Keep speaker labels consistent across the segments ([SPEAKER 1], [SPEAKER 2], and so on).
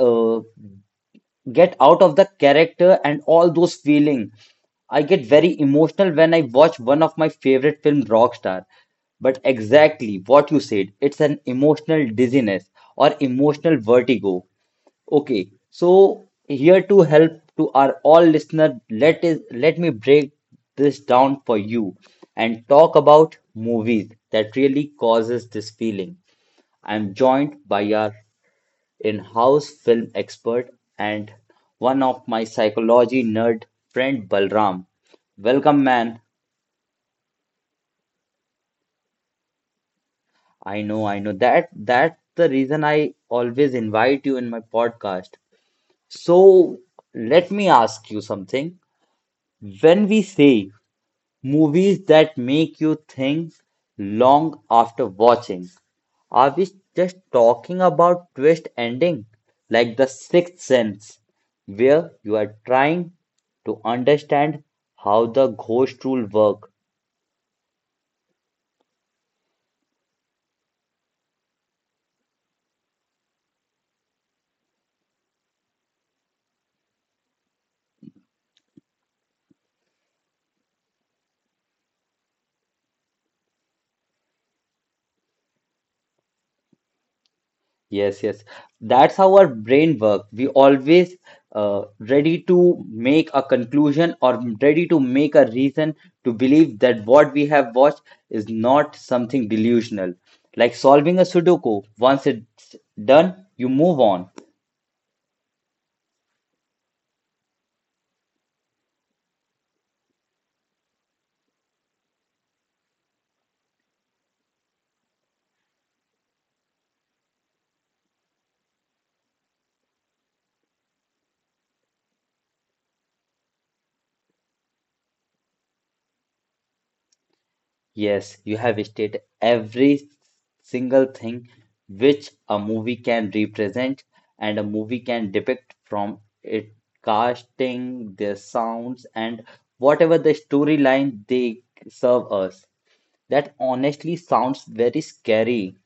[SPEAKER 1] get out of the character and all those feeling. I get very emotional when I watch one of my favorite film, Rockstar. But exactly what you said, it's an emotional dizziness or emotional vertigo. Okay, so here to help to our all listener, let me break this down for you and talk about movies that really causes this feeling. I'm joined by our in-house film expert and one of my psychology nerd friend Balram. Welcome, man. I know that that's the reason I always invite you in my podcast. So let me ask you something. When we say movies that make you think long after watching. Are we just talking about twist ending like The Sixth Sense, where you are trying to understand how the ghost rule work? Yes, yes. That's how our brain work. We always ready to make a conclusion or ready to make a reason to believe that what we have watched is not something delusional. Like solving a Sudoku, once it's done, you move on. Yes, you have stated every single thing which a movie can represent and a movie can depict from it casting, their sounds, and whatever the storyline they serve us. That honestly sounds very scary.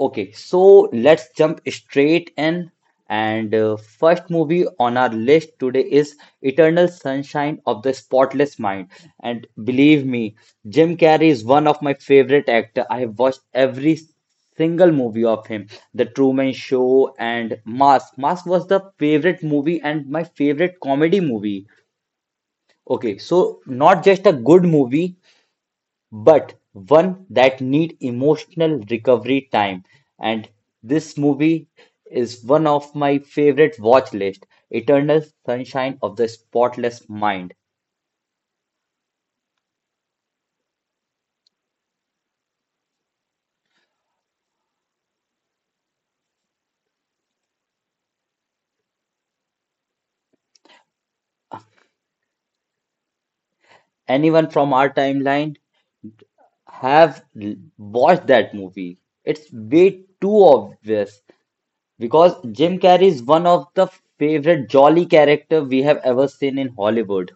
[SPEAKER 1] Okay, so let's jump straight in. And first movie on our list today is Eternal Sunshine of the Spotless Mind. And believe me, Jim Carrey is one of my favorite actor. I have watched every single movie of him, The Truman Show and Mask. Mask was the favorite movie and my favorite comedy movie. Okay, so not just a good movie, but one that need emotional recovery time. And this movie is one of my favorite watch list, Eternal Sunshine of the Spotless Mind. Anyone from our timeline have watched that movie. It's way too obvious because Jim Carrey is one of the favorite jolly character we have ever seen in Hollywood.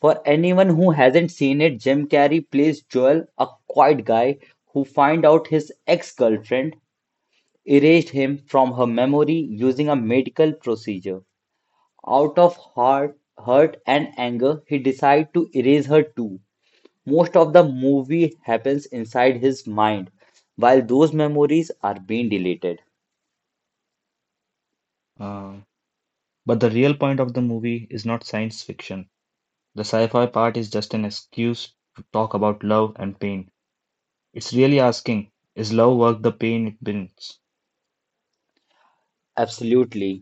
[SPEAKER 1] For anyone who hasn't seen it, Jim Carrey plays Joel, a quiet guy who finds out his ex-girlfriend erased him from her memory using a medical procedure. Out of heart, hurt and anger, he decides to erase her too. Most of the movie happens inside his mind, while those memories are being deleted.
[SPEAKER 2] Uh, but the real point of the movie is not science fiction. The sci fi part is just an excuse to talk about love and pain. It's really asking, is love worth the pain it brings,
[SPEAKER 1] Absolutely.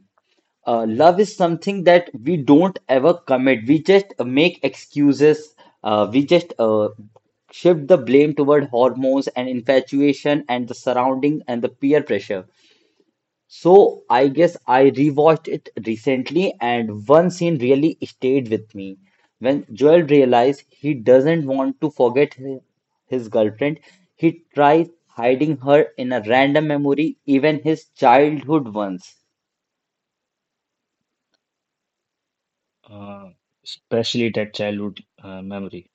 [SPEAKER 1] Love is something that we don't ever commit. We just make excuses. We just shift the blame toward hormones and infatuation and the surrounding and the peer pressure. So I guess I rewatched it recently, and one scene really stayed with me. When Joel realized he doesn't want to forget his girlfriend, he tries hiding her in a random memory, even his childhood ones.
[SPEAKER 2] uh, especially that childhood memory?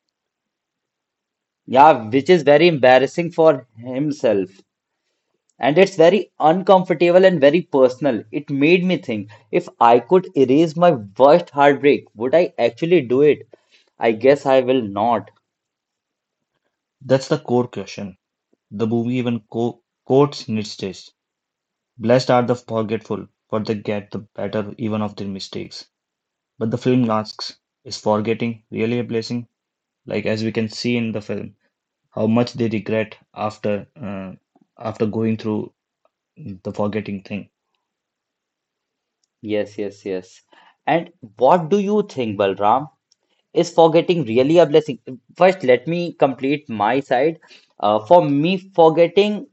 [SPEAKER 1] Yeah, which is very embarrassing for himself. And it's very uncomfortable and very personal. It made me think if I could erase my worst heartbreak, would I actually do it? I guess I will not.
[SPEAKER 2] That's the core question. The movie even quotes Nietzsche's "Blessed are the forgetful, for they get the better even of their mistakes." But the film asks, is forgetting really a blessing? Like, as we can see in the film, how much they regret after after going through the forgetting thing.
[SPEAKER 1] Yes, yes, yes. And what do you think, Balram? Is forgetting really a blessing? First, let me complete my side. For me, forgetting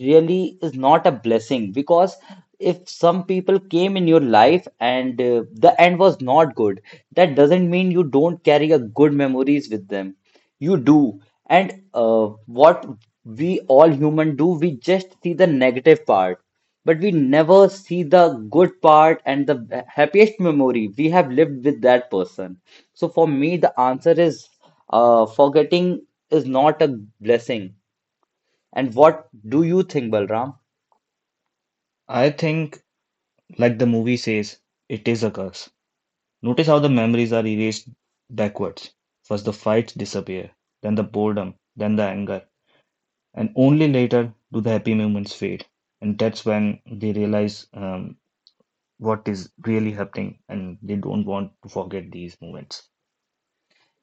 [SPEAKER 1] really is not a blessing because if some people came in your life and the end was not good, that doesn't mean you don't carry a good memories with them. You do. And what we all human do, we just see the negative part, but we never see the good part and the happiest memory we have lived with that person. So for me, the answer is forgetting is not a blessing. And what do you think, Balram?
[SPEAKER 2] I think, like the movie says, it is a curse. Notice how the memories are erased backwards. First, the fights disappear, then the boredom, then the anger, and only later do the happy moments fade. And that's when they realize what is really happening, and they don't want to forget these moments.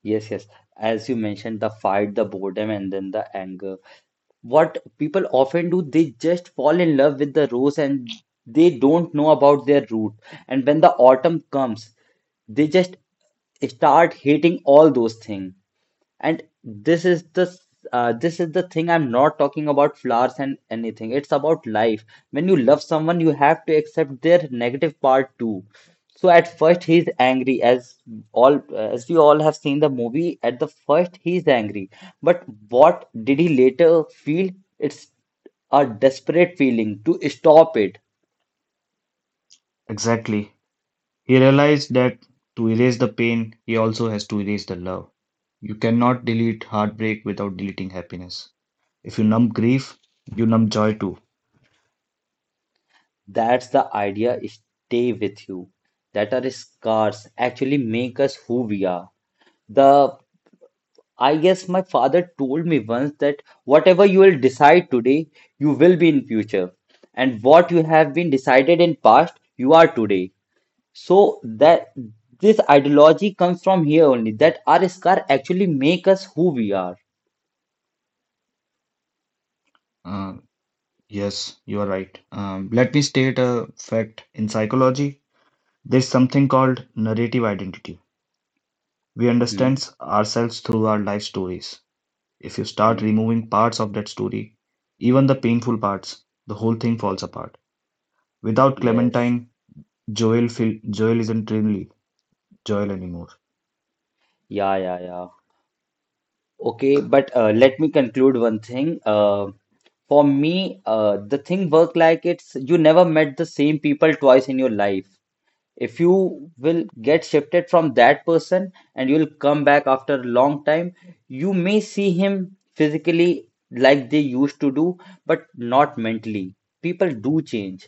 [SPEAKER 1] Yes, yes. As you mentioned, the fight, the boredom, and then the anger. What people often do they just fall in love with the rose and they don't know about their root and when the autumn comes they just start hating all those things and this is the thing. I'm not talking about flowers and anything. It's about life. When you love someone, you have to accept their negative part too. So at first he's angry, as all as we all have seen the movie. At the first he's angry, but what did he later feel? It's a desperate feeling to stop it.
[SPEAKER 2] Exactly. He realized that to erase the pain, he also has to erase the love. You cannot delete heartbreak without deleting happiness. If you numb grief, you numb joy too.
[SPEAKER 1] That's the idea. Stay with you. That are scars actually make us who we are. The I guess my father told me once that whatever you will decide today, you will be in future. And what you have been decided in past, you are today. So that this ideology comes from here only, that our scar actually make us who we are.
[SPEAKER 2] Uh, yes, you are right. Let me state a fact. In psychology, there's something called narrative identity. We
[SPEAKER 1] Hmm?
[SPEAKER 2] understand ourselves through our life stories. If you start
[SPEAKER 1] Hmm?
[SPEAKER 2] removing parts of that story, even the painful parts, the whole thing falls apart. Without
[SPEAKER 1] Yes.
[SPEAKER 2] Clementine, Joel isn't really Joel anymore.
[SPEAKER 1] Yeah, yeah, yeah. Okay, but let me conclude one thing. For me, the thing work like it's you never met the same people twice in your life. If you will get shifted from that person and you'll come back after a long time you may see him physically like they used to do but not mentally. People do change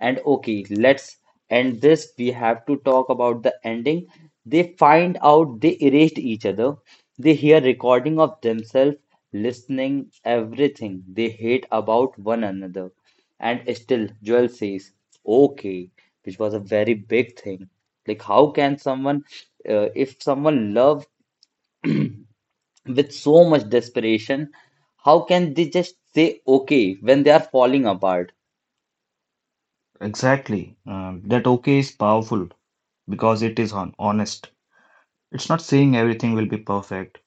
[SPEAKER 1] and okay let's end this. We have to talk about the ending. They find out they erased each other, they hear recording of themselves listening everything they hate about one another and still, Joel says, okay, which was a very big thing. Like, how can someone, if someone love with so much desperation, how can they just say okay when they are falling apart?
[SPEAKER 2] Exactly. That okay is powerful because it is honest. It's not saying everything will be perfect.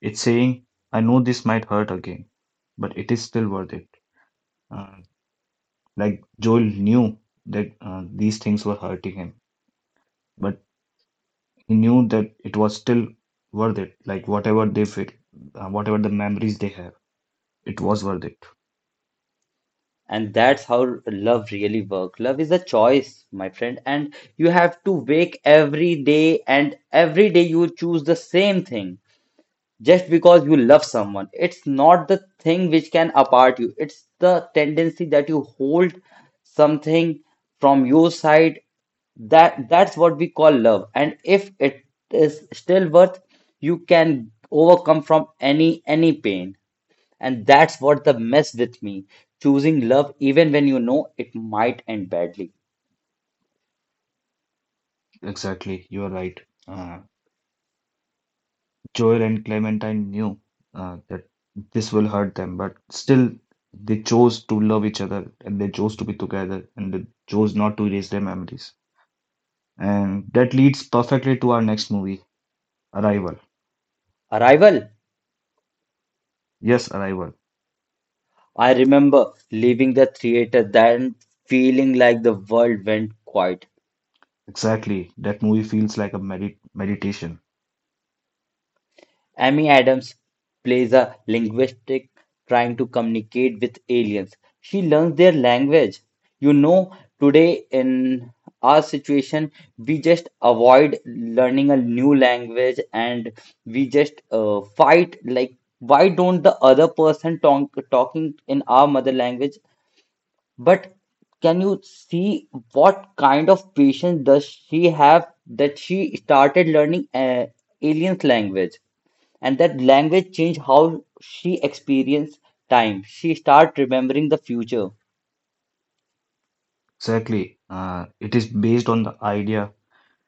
[SPEAKER 2] It's saying, I know this might hurt again, but it is still worth it. Uh, like Joel knew that these things were hurting him, but he knew that it was still worth it. Like whatever they feel, whatever the memories they have, it was worth it.
[SPEAKER 1] And that's how love really works. Love is a choice, my friend, and you have to wake every day, and every day you choose the same thing. Just because you love someone. It's not the thing which can apart you. It's the tendency that you hold something from your side that that's what we call love. And if it is still worth, you can overcome from any pain. And that's what the mess with me. Choosing love even when you know it might end badly.
[SPEAKER 2] Exactly. You are right. Uh, Joel and Clementine knew that this will hurt them, but still they chose to love each other, and they chose to be together, and they chose not to erase their memories. And that leads perfectly to our next movie, Arrival.
[SPEAKER 1] Arrival.
[SPEAKER 2] Yes, Arrival.
[SPEAKER 1] I remember leaving the theater then feeling like the world went quiet.
[SPEAKER 2] Exactly. That movie feels like a meditation.
[SPEAKER 1] Amy Adams plays a linguistic trying to communicate with aliens. She learns their language. You know, today in our situation, we just avoid learning a new language and we just fight. Like, why don't the other person talk, talking in our mother language? But can you see what kind of patience does she have that she started learning aliens language? And that language changed how she experienced time. She started remembering the future.
[SPEAKER 2] Exactly. It is based on the idea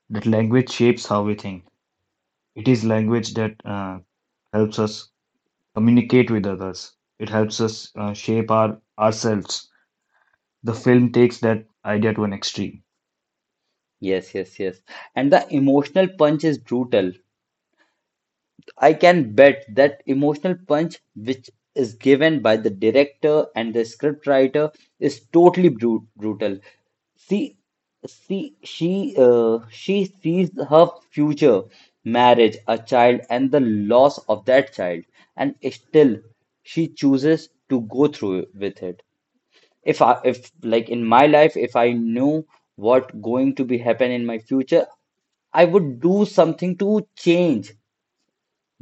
[SPEAKER 2] that language shapes how we think. It is language that helps us communicate with others. It helps us shape our ourselves. The film takes that idea to an extreme.
[SPEAKER 1] Yes, yes, yes. And the emotional punch is brutal. I can bet that emotional punch which is given by the director and the scriptwriter, is totally brutal. See, see, she sees her future marriage, a child and the loss of that child and still she chooses to go through with it. If like in my life if I knew what going to be happen in my future I would do something to change.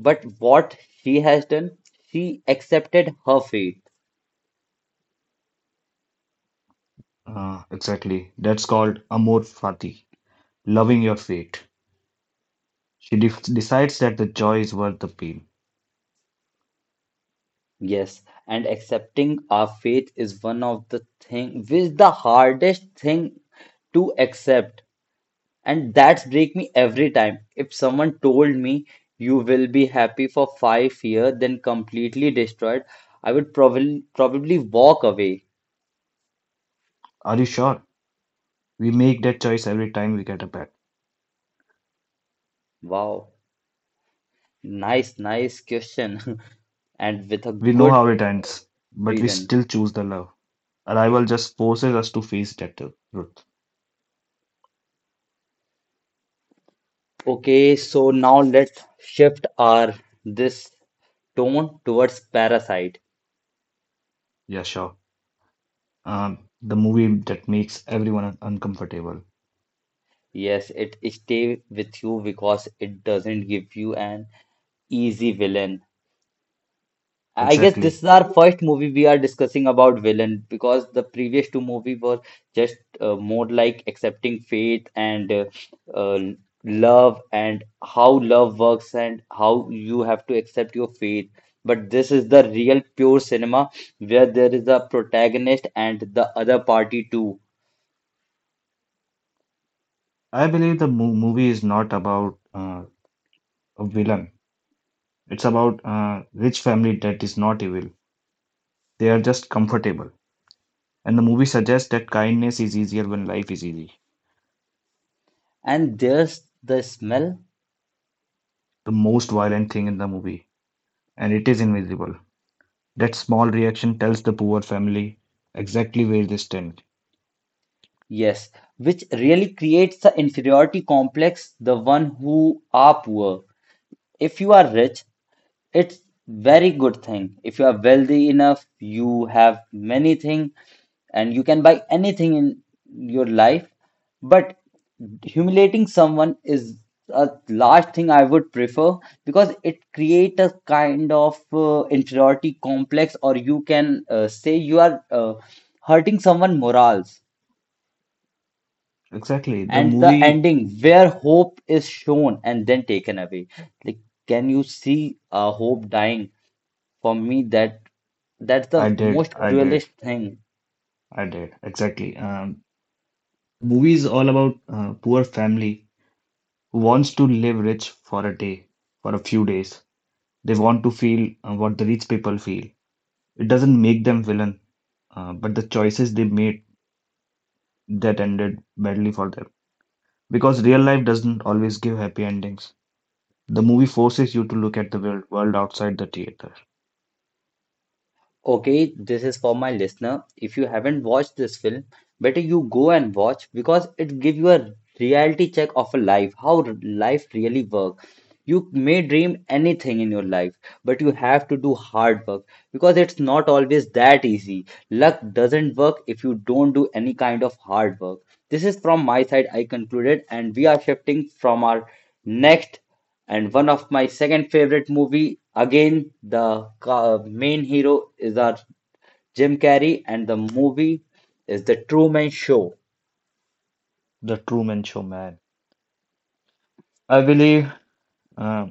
[SPEAKER 1] But what she has done, she accepted her faith.
[SPEAKER 2] Exactly. That's called amor fati, loving your fate. She decides that the joy is worth the pain.
[SPEAKER 1] Yes, and accepting our faith is one of the thing which the hardest thing to accept. And that's break me every time. If someone told me you will be happy for 5 years, then completely destroyed, I would probably walk away.
[SPEAKER 2] Are you sure? We make that choice every time we get a pet.
[SPEAKER 1] Wow, nice, nice question, and with a
[SPEAKER 2] We know how
[SPEAKER 1] good
[SPEAKER 2] it ends, but we
[SPEAKER 1] reason.
[SPEAKER 2] still choose the love. Arrival just forces us to face that truth.
[SPEAKER 1] Okay, so now let's shift our this tone towards Parasite.
[SPEAKER 2] Yeah, sure. The movie that makes everyone uncomfortable.
[SPEAKER 1] Yes, it stay with you because it doesn't give you an easy villain. I guess this
[SPEAKER 2] Exactly.
[SPEAKER 1] is our first movie we are discussing about villain because the previous two movie were just more like accepting faith and uh, love and how love works and how you have to accept your faith. But this is the real pure cinema where there is a protagonist and the other party too.
[SPEAKER 2] I believe the movie is not about a villain. It's about a rich family that is not evil. They are just comfortable. And the movie suggests that kindness is easier when life is easy.
[SPEAKER 1] And there's the smell,
[SPEAKER 2] The most violent thing in the movie, and it is invisible. That small reaction tells the poor family exactly where they stand.
[SPEAKER 1] yes, which really creates the inferiority complex, the one who are poor. If you are rich, it's very good thing. If you are wealthy enough, you have many things and you can buy anything in your life. But humiliating someone is a large thing I would prefer because it creates a kind of inferiority complex, or you can say you are hurting someone' morals.
[SPEAKER 2] Exactly. The
[SPEAKER 1] And the
[SPEAKER 2] movie,
[SPEAKER 1] ending where hope is shown and then taken away. Like, can you see a hope dying? For me, that's
[SPEAKER 2] I
[SPEAKER 1] the
[SPEAKER 2] did,
[SPEAKER 1] most
[SPEAKER 2] I did,
[SPEAKER 1] cruelest thing.
[SPEAKER 2] I did. Exactly. Movie is all about poor family who wants to live rich for a day, for a few days. They want to feel what the rich people feel. It doesn't make them villain, but the choices they made that ended badly for them. Because real life doesn't always give happy endings. The movie forces you to look at the world outside the theater.
[SPEAKER 1] Okay, this is for my listener. If you haven't watched this film, better you go and watch because it gives you a reality check of a life, how life really works. You may dream anything in your life, but you have to do hard work because it's not always that easy. Luck doesn't work if you don't do any kind of hard work. This is from my side, I concluded, and we are shifting from our next. And one of my second favorite movie, again the main hero is our Jim Carrey, and the movie is the Truman Show.
[SPEAKER 2] The Truman Show, man. I believe uh,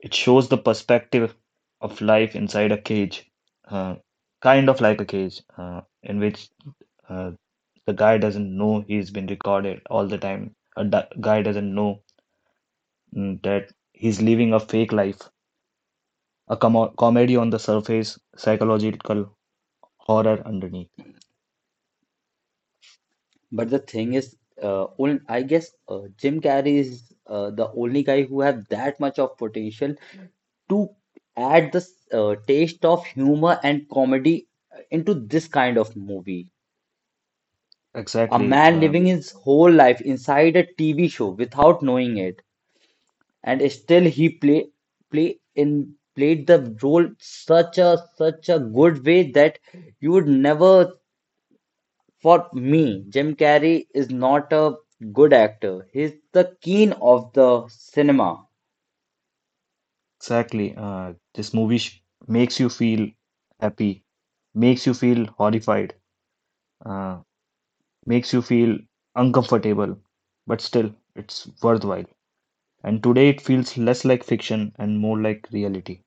[SPEAKER 2] it shows the perspective of life inside a cage, uh, kind of like a cage, in which uh, the guy doesn't know he's been recorded all the time. Guy doesn't know that he's living a fake life, a comedy on the surface, psychological horror underneath.
[SPEAKER 1] But the thing is, I guess Jim Carrey is the only guy who have that much of potential to add the taste of humor and comedy into this kind of movie. A
[SPEAKER 2] Exactly.
[SPEAKER 1] man living his whole life inside a TV show without knowing it. And still he played the role such a good way that you would never. For me, Jim Carrey is not a good actor, he's the king of the cinema.
[SPEAKER 2] Exactly. This movie sh makes you feel happy, makes you feel horrified, uh, makes you feel uncomfortable, but still, it's worthwhile. And today it feels less like fiction and more like reality.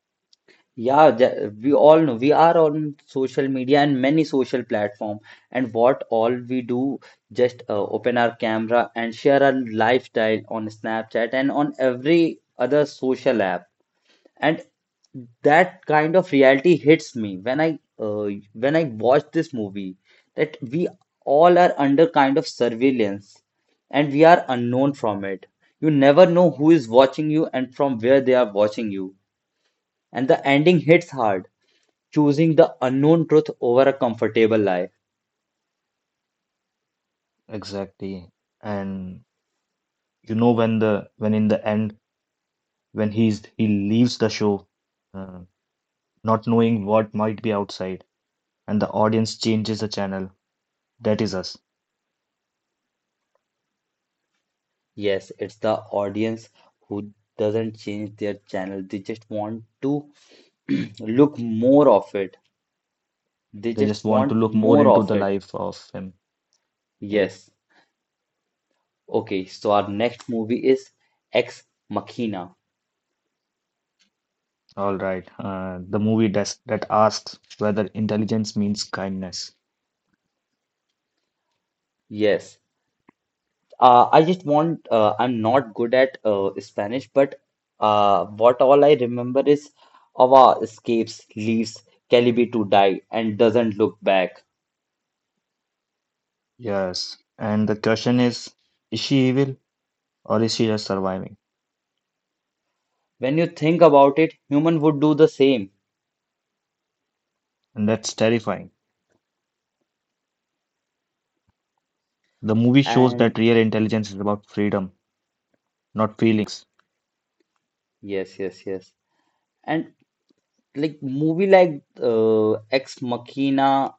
[SPEAKER 1] Yeah, we all know we are on social media and many social platform, and what all we do just open our camera and share our lifestyle on Snapchat and on every other social app. And that kind of reality hits me when I watch this movie, that we all are under kind of surveillance and we are unknown from it. You never know who is watching you and from where they are watching you. And the ending hits hard, choosing the unknown truth over a comfortable lie.
[SPEAKER 2] Exactly. And you know when the when in the end when he leaves the show, uh, not knowing what might be outside, and the audience changes the channel. That is us.
[SPEAKER 1] Yes, it's the audience who doesn't change their channel. They just want to look more of it. They
[SPEAKER 2] They
[SPEAKER 1] just
[SPEAKER 2] just want to
[SPEAKER 1] want
[SPEAKER 2] look more
[SPEAKER 1] more
[SPEAKER 2] into
[SPEAKER 1] of
[SPEAKER 2] the
[SPEAKER 1] it.
[SPEAKER 2] life of him. Yep.
[SPEAKER 1] Yes. Okay. So our next movie is Ex Machina.
[SPEAKER 2] All right. The movie that asks whether intelligence means kindness.
[SPEAKER 1] Yes. I just want, I'm not good at Spanish, but what all I remember is Ava escapes, leaves Calibi to die, and doesn't look back.
[SPEAKER 2] Yes. And the question is she evil, or is she just surviving?
[SPEAKER 1] When you think about it, human would do the same.
[SPEAKER 2] And that's terrifying. The movie shows that
[SPEAKER 1] And
[SPEAKER 2] real intelligence is about freedom, not feelings.
[SPEAKER 1] yes, yes, yes. And like movie like Ex Machina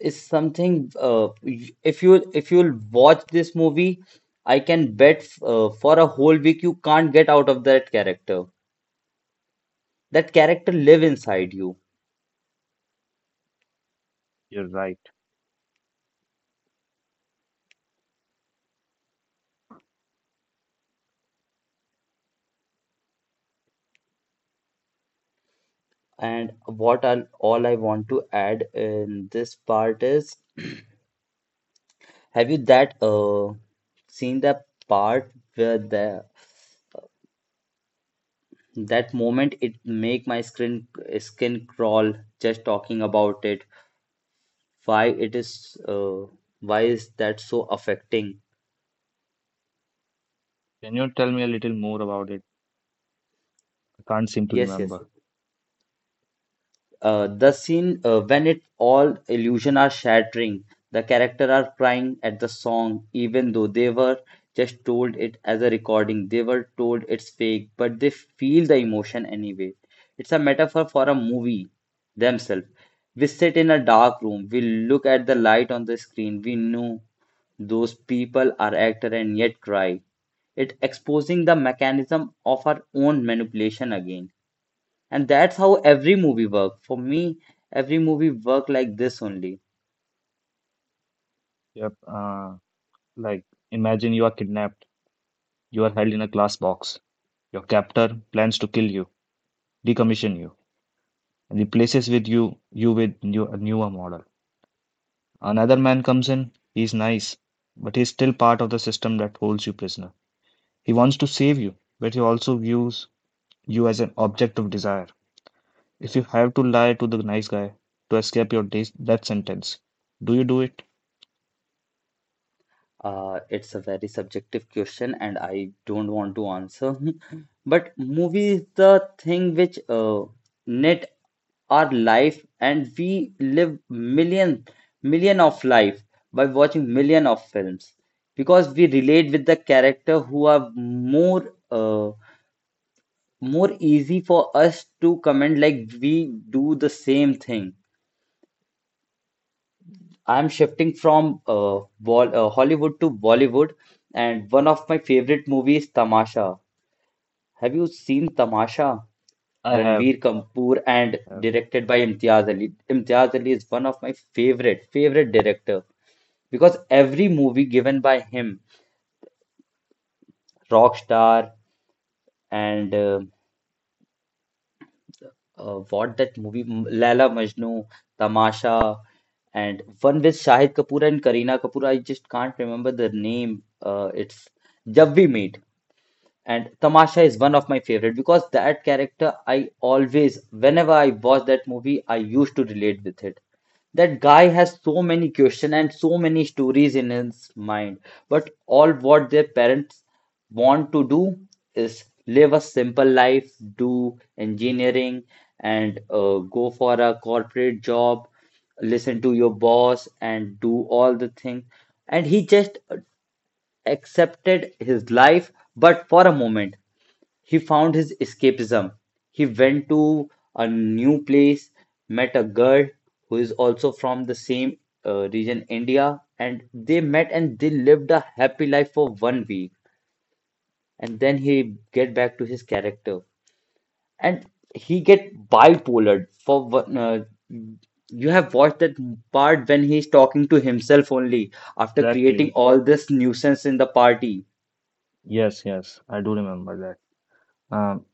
[SPEAKER 1] is something if you if you'll watch this movie, I can bet for a whole week you can't get out of that character. That character live inside you.
[SPEAKER 2] You're right.
[SPEAKER 1] And what I want to add in this part is, have you that seen the part where the that moment it make my skin crawl just talking about it? Why it is why is that so affecting?
[SPEAKER 2] Can you tell me a little more about it? I can't seem to
[SPEAKER 1] Yes, yes,
[SPEAKER 2] remember.
[SPEAKER 1] yes. The scene when it all illusion are shattering, the character are crying at the song, even though they were just told it as a recording. They were told it's fake, but they feel the emotion anyway. It's a metaphor for a movie themselves. We sit in a dark room. We look at the light on the screen. We know those people are actor and yet cry. It exposing the mechanism of our own manipulation again. And that's how every movie worked. For me, every movie worked like this only.
[SPEAKER 2] Yep. Like, imagine you are kidnapped. You are held in a glass box. Your captor plans to kill you, decommission you, and replaces with you you with a newer model. Another man comes in, he's nice, but he's still part of the system that holds you prisoner. He wants to save you, but he also views you as an object of desire. If you have to lie to the nice guy to escape your death sentence, do you do it?
[SPEAKER 1] It's a very subjective question and I don't want to answer. But movie is the thing which knit our life, and we live million of life by watching million of films because we relate with the character who are more more easy for us to comment, like we do the same thing. I'm shifting from Bol Hollywood to Bollywood, and one of my favorite movies, Tamasha. Have you seen Tamasha?
[SPEAKER 2] I have.
[SPEAKER 1] Ranveer Kapoor
[SPEAKER 2] I
[SPEAKER 1] and
[SPEAKER 2] have.
[SPEAKER 1] directed by Imtiaz Ali. Imtiaz Ali is one of my favorite director because every movie given by him, Rockstar and what that movie, Laila Majnu, Tamasha, and one with Shahid Kapoor and Kareena Kapoor. I just can't remember the name. It's Jab We Meet. And Tamasha is one of my favorite because that character I always, whenever I watch that movie, I used to relate with it. That guy has so many questions and so many stories in his mind, but all what their parents want to do is live a simple life, do engineering, and go for a corporate job, listen to your boss, and do all the things. And he just accepted his life, but for a moment. He found his escapism; he went to a new place, met a girl who is also from the same region, India, and they met and they lived a happy life for 1 week, and then he get back to his character, and he get bipolar for one. You have watched that part when he's talking to himself only after creating
[SPEAKER 2] Exactly.
[SPEAKER 1] all this nuisance in the party.
[SPEAKER 2] Yes, yes, I do remember that.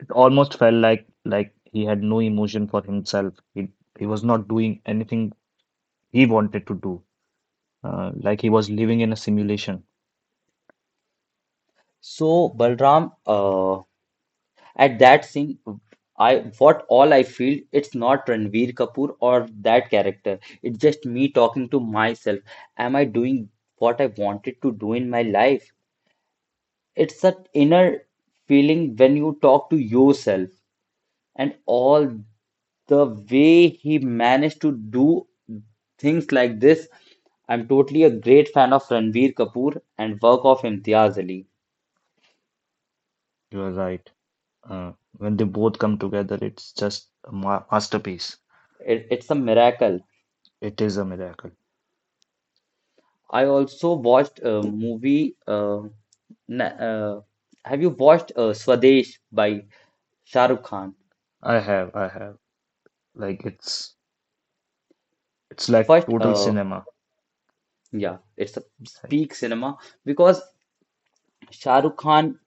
[SPEAKER 2] It almost felt like he had no emotion for himself. He was not doing anything he wanted to do. Like he was living in a simulation.
[SPEAKER 1] So Balram, at that scene, I what all I feel it's not Ranveer Kapoor or that character. It's just me talking to myself. Am I doing what I wanted to do in my life? It's that inner feeling when you talk to yourself, and all the way he managed to do things like this. I'm totally a great fan of Ranveer Kapoor and work of Imtiaz Ali.
[SPEAKER 2] You are right. Uh, when they both come together, it's just a ma masterpiece.
[SPEAKER 1] It, it's a miracle.
[SPEAKER 2] It is a miracle.
[SPEAKER 1] I also watched a movie. Na have you watched Swadesh by Shah Rukh Khan?
[SPEAKER 2] I have, I have. Like it's like
[SPEAKER 1] First,
[SPEAKER 2] total cinema.
[SPEAKER 1] yeah, it's a peak cinema because Shah Rukh Khan.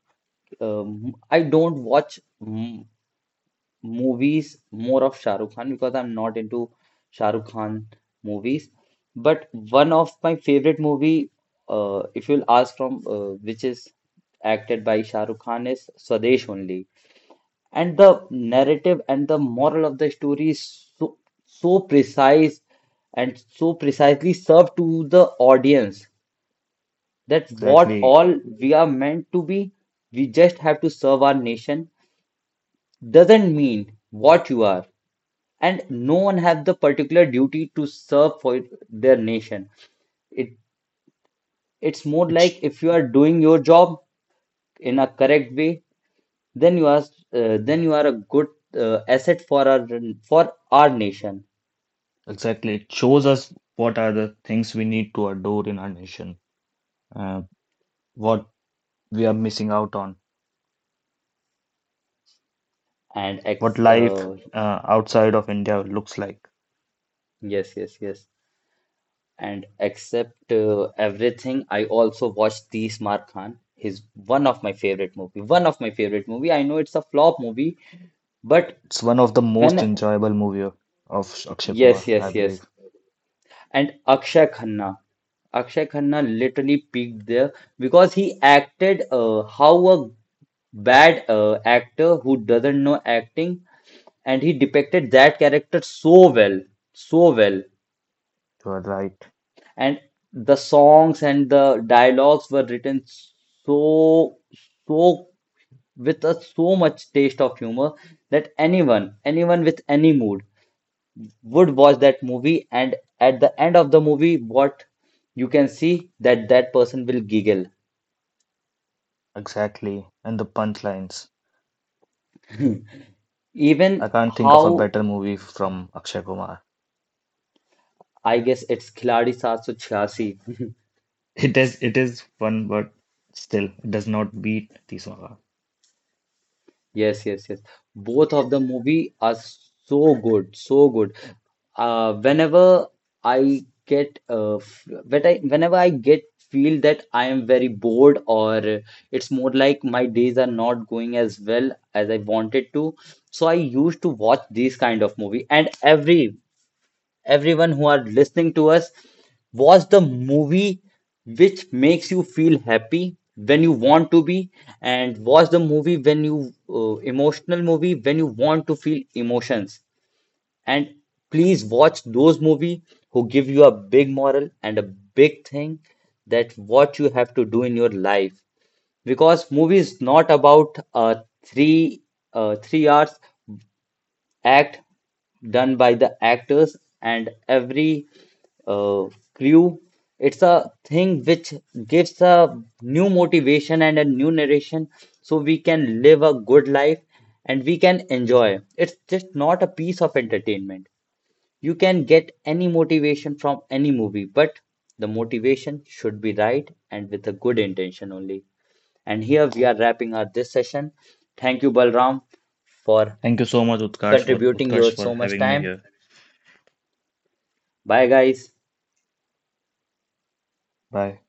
[SPEAKER 1] I don't watch m movies more of Shah Rukh Khan because I'm not into Shah Rukh Khan movies. But one of my favorite movie, if you'll ask from which is acted by Shah Rukh Khan, is Swadesh only. And the narrative and the moral of the story is so, so precise and so precisely served to the audience that what
[SPEAKER 2] Exactly.
[SPEAKER 1] all we are meant to be, we just have to serve our nation. Doesn't mean what you are, and no one have the particular duty to serve for their nation. It, it's more like
[SPEAKER 2] It's
[SPEAKER 1] if you are doing your job in a correct way, then you are then you are a good asset for our nation.
[SPEAKER 2] exactly. It shows us what are the things we need to adore in our nation, uh, what we are missing out on,
[SPEAKER 1] And ex
[SPEAKER 2] what life outside of India looks like.
[SPEAKER 1] yes, yes, yes. And except everything, I also watched The Smart Khan. He's one of my favorite movie, one of my favorite movie. I know it's a flop movie, but
[SPEAKER 2] It's one of the most
[SPEAKER 1] when,
[SPEAKER 2] enjoyable movie of Akshay
[SPEAKER 1] yes,
[SPEAKER 2] Kumar, I
[SPEAKER 1] yes, yes,
[SPEAKER 2] believe.
[SPEAKER 1] and Akshay Khanna, Akshay Khanna literally peaked there because he acted how a bad actor who doesn't know acting, and he depicted that character so well, so well.
[SPEAKER 2] You are right.
[SPEAKER 1] And the songs and the dialogues were written so, so with a so much taste of humor that anyone, anyone with any mood would watch that movie. And at the end of the movie, what you can see that that person will giggle
[SPEAKER 2] Exactly. And the punchlines. I
[SPEAKER 1] even.
[SPEAKER 2] can't think of a
[SPEAKER 1] How,
[SPEAKER 2] better movie from Akshay Kumar.
[SPEAKER 1] I guess it's Khiladi 786.
[SPEAKER 2] It is fun, but still, it does not beat Tiswara.
[SPEAKER 1] Yes, yes, yes. Both of the movie are so good, so good. Whenever I get when I whenever I get feel that I am very bored, or it's more like my days are not going as well as I wanted to, so I used to watch these kind of movie. And every everyone who are listening to us, watch the movie which makes you feel happy when you want to be, and watch the movie when you emotional movie when you want to feel emotions, and please watch those movie who give you a big moral and a big thing that what you have to do in your life. Because movie is not about three 3 hours act done by the actors and every uh, crew. It's a thing which gives a new motivation and a new narration so we can live a good life and we can enjoy. It's just not a piece of entertainment. You can get any motivation from any movie, but the motivation should be right and with a good intention only. And here we are wrapping up this session. Thank you, Balram, for
[SPEAKER 2] Thank you so much,
[SPEAKER 1] contributing
[SPEAKER 2] Utkarsh,
[SPEAKER 1] your
[SPEAKER 2] for
[SPEAKER 1] so much
[SPEAKER 2] having me
[SPEAKER 1] time.
[SPEAKER 2] here.
[SPEAKER 1] Bye guys.
[SPEAKER 2] Bye.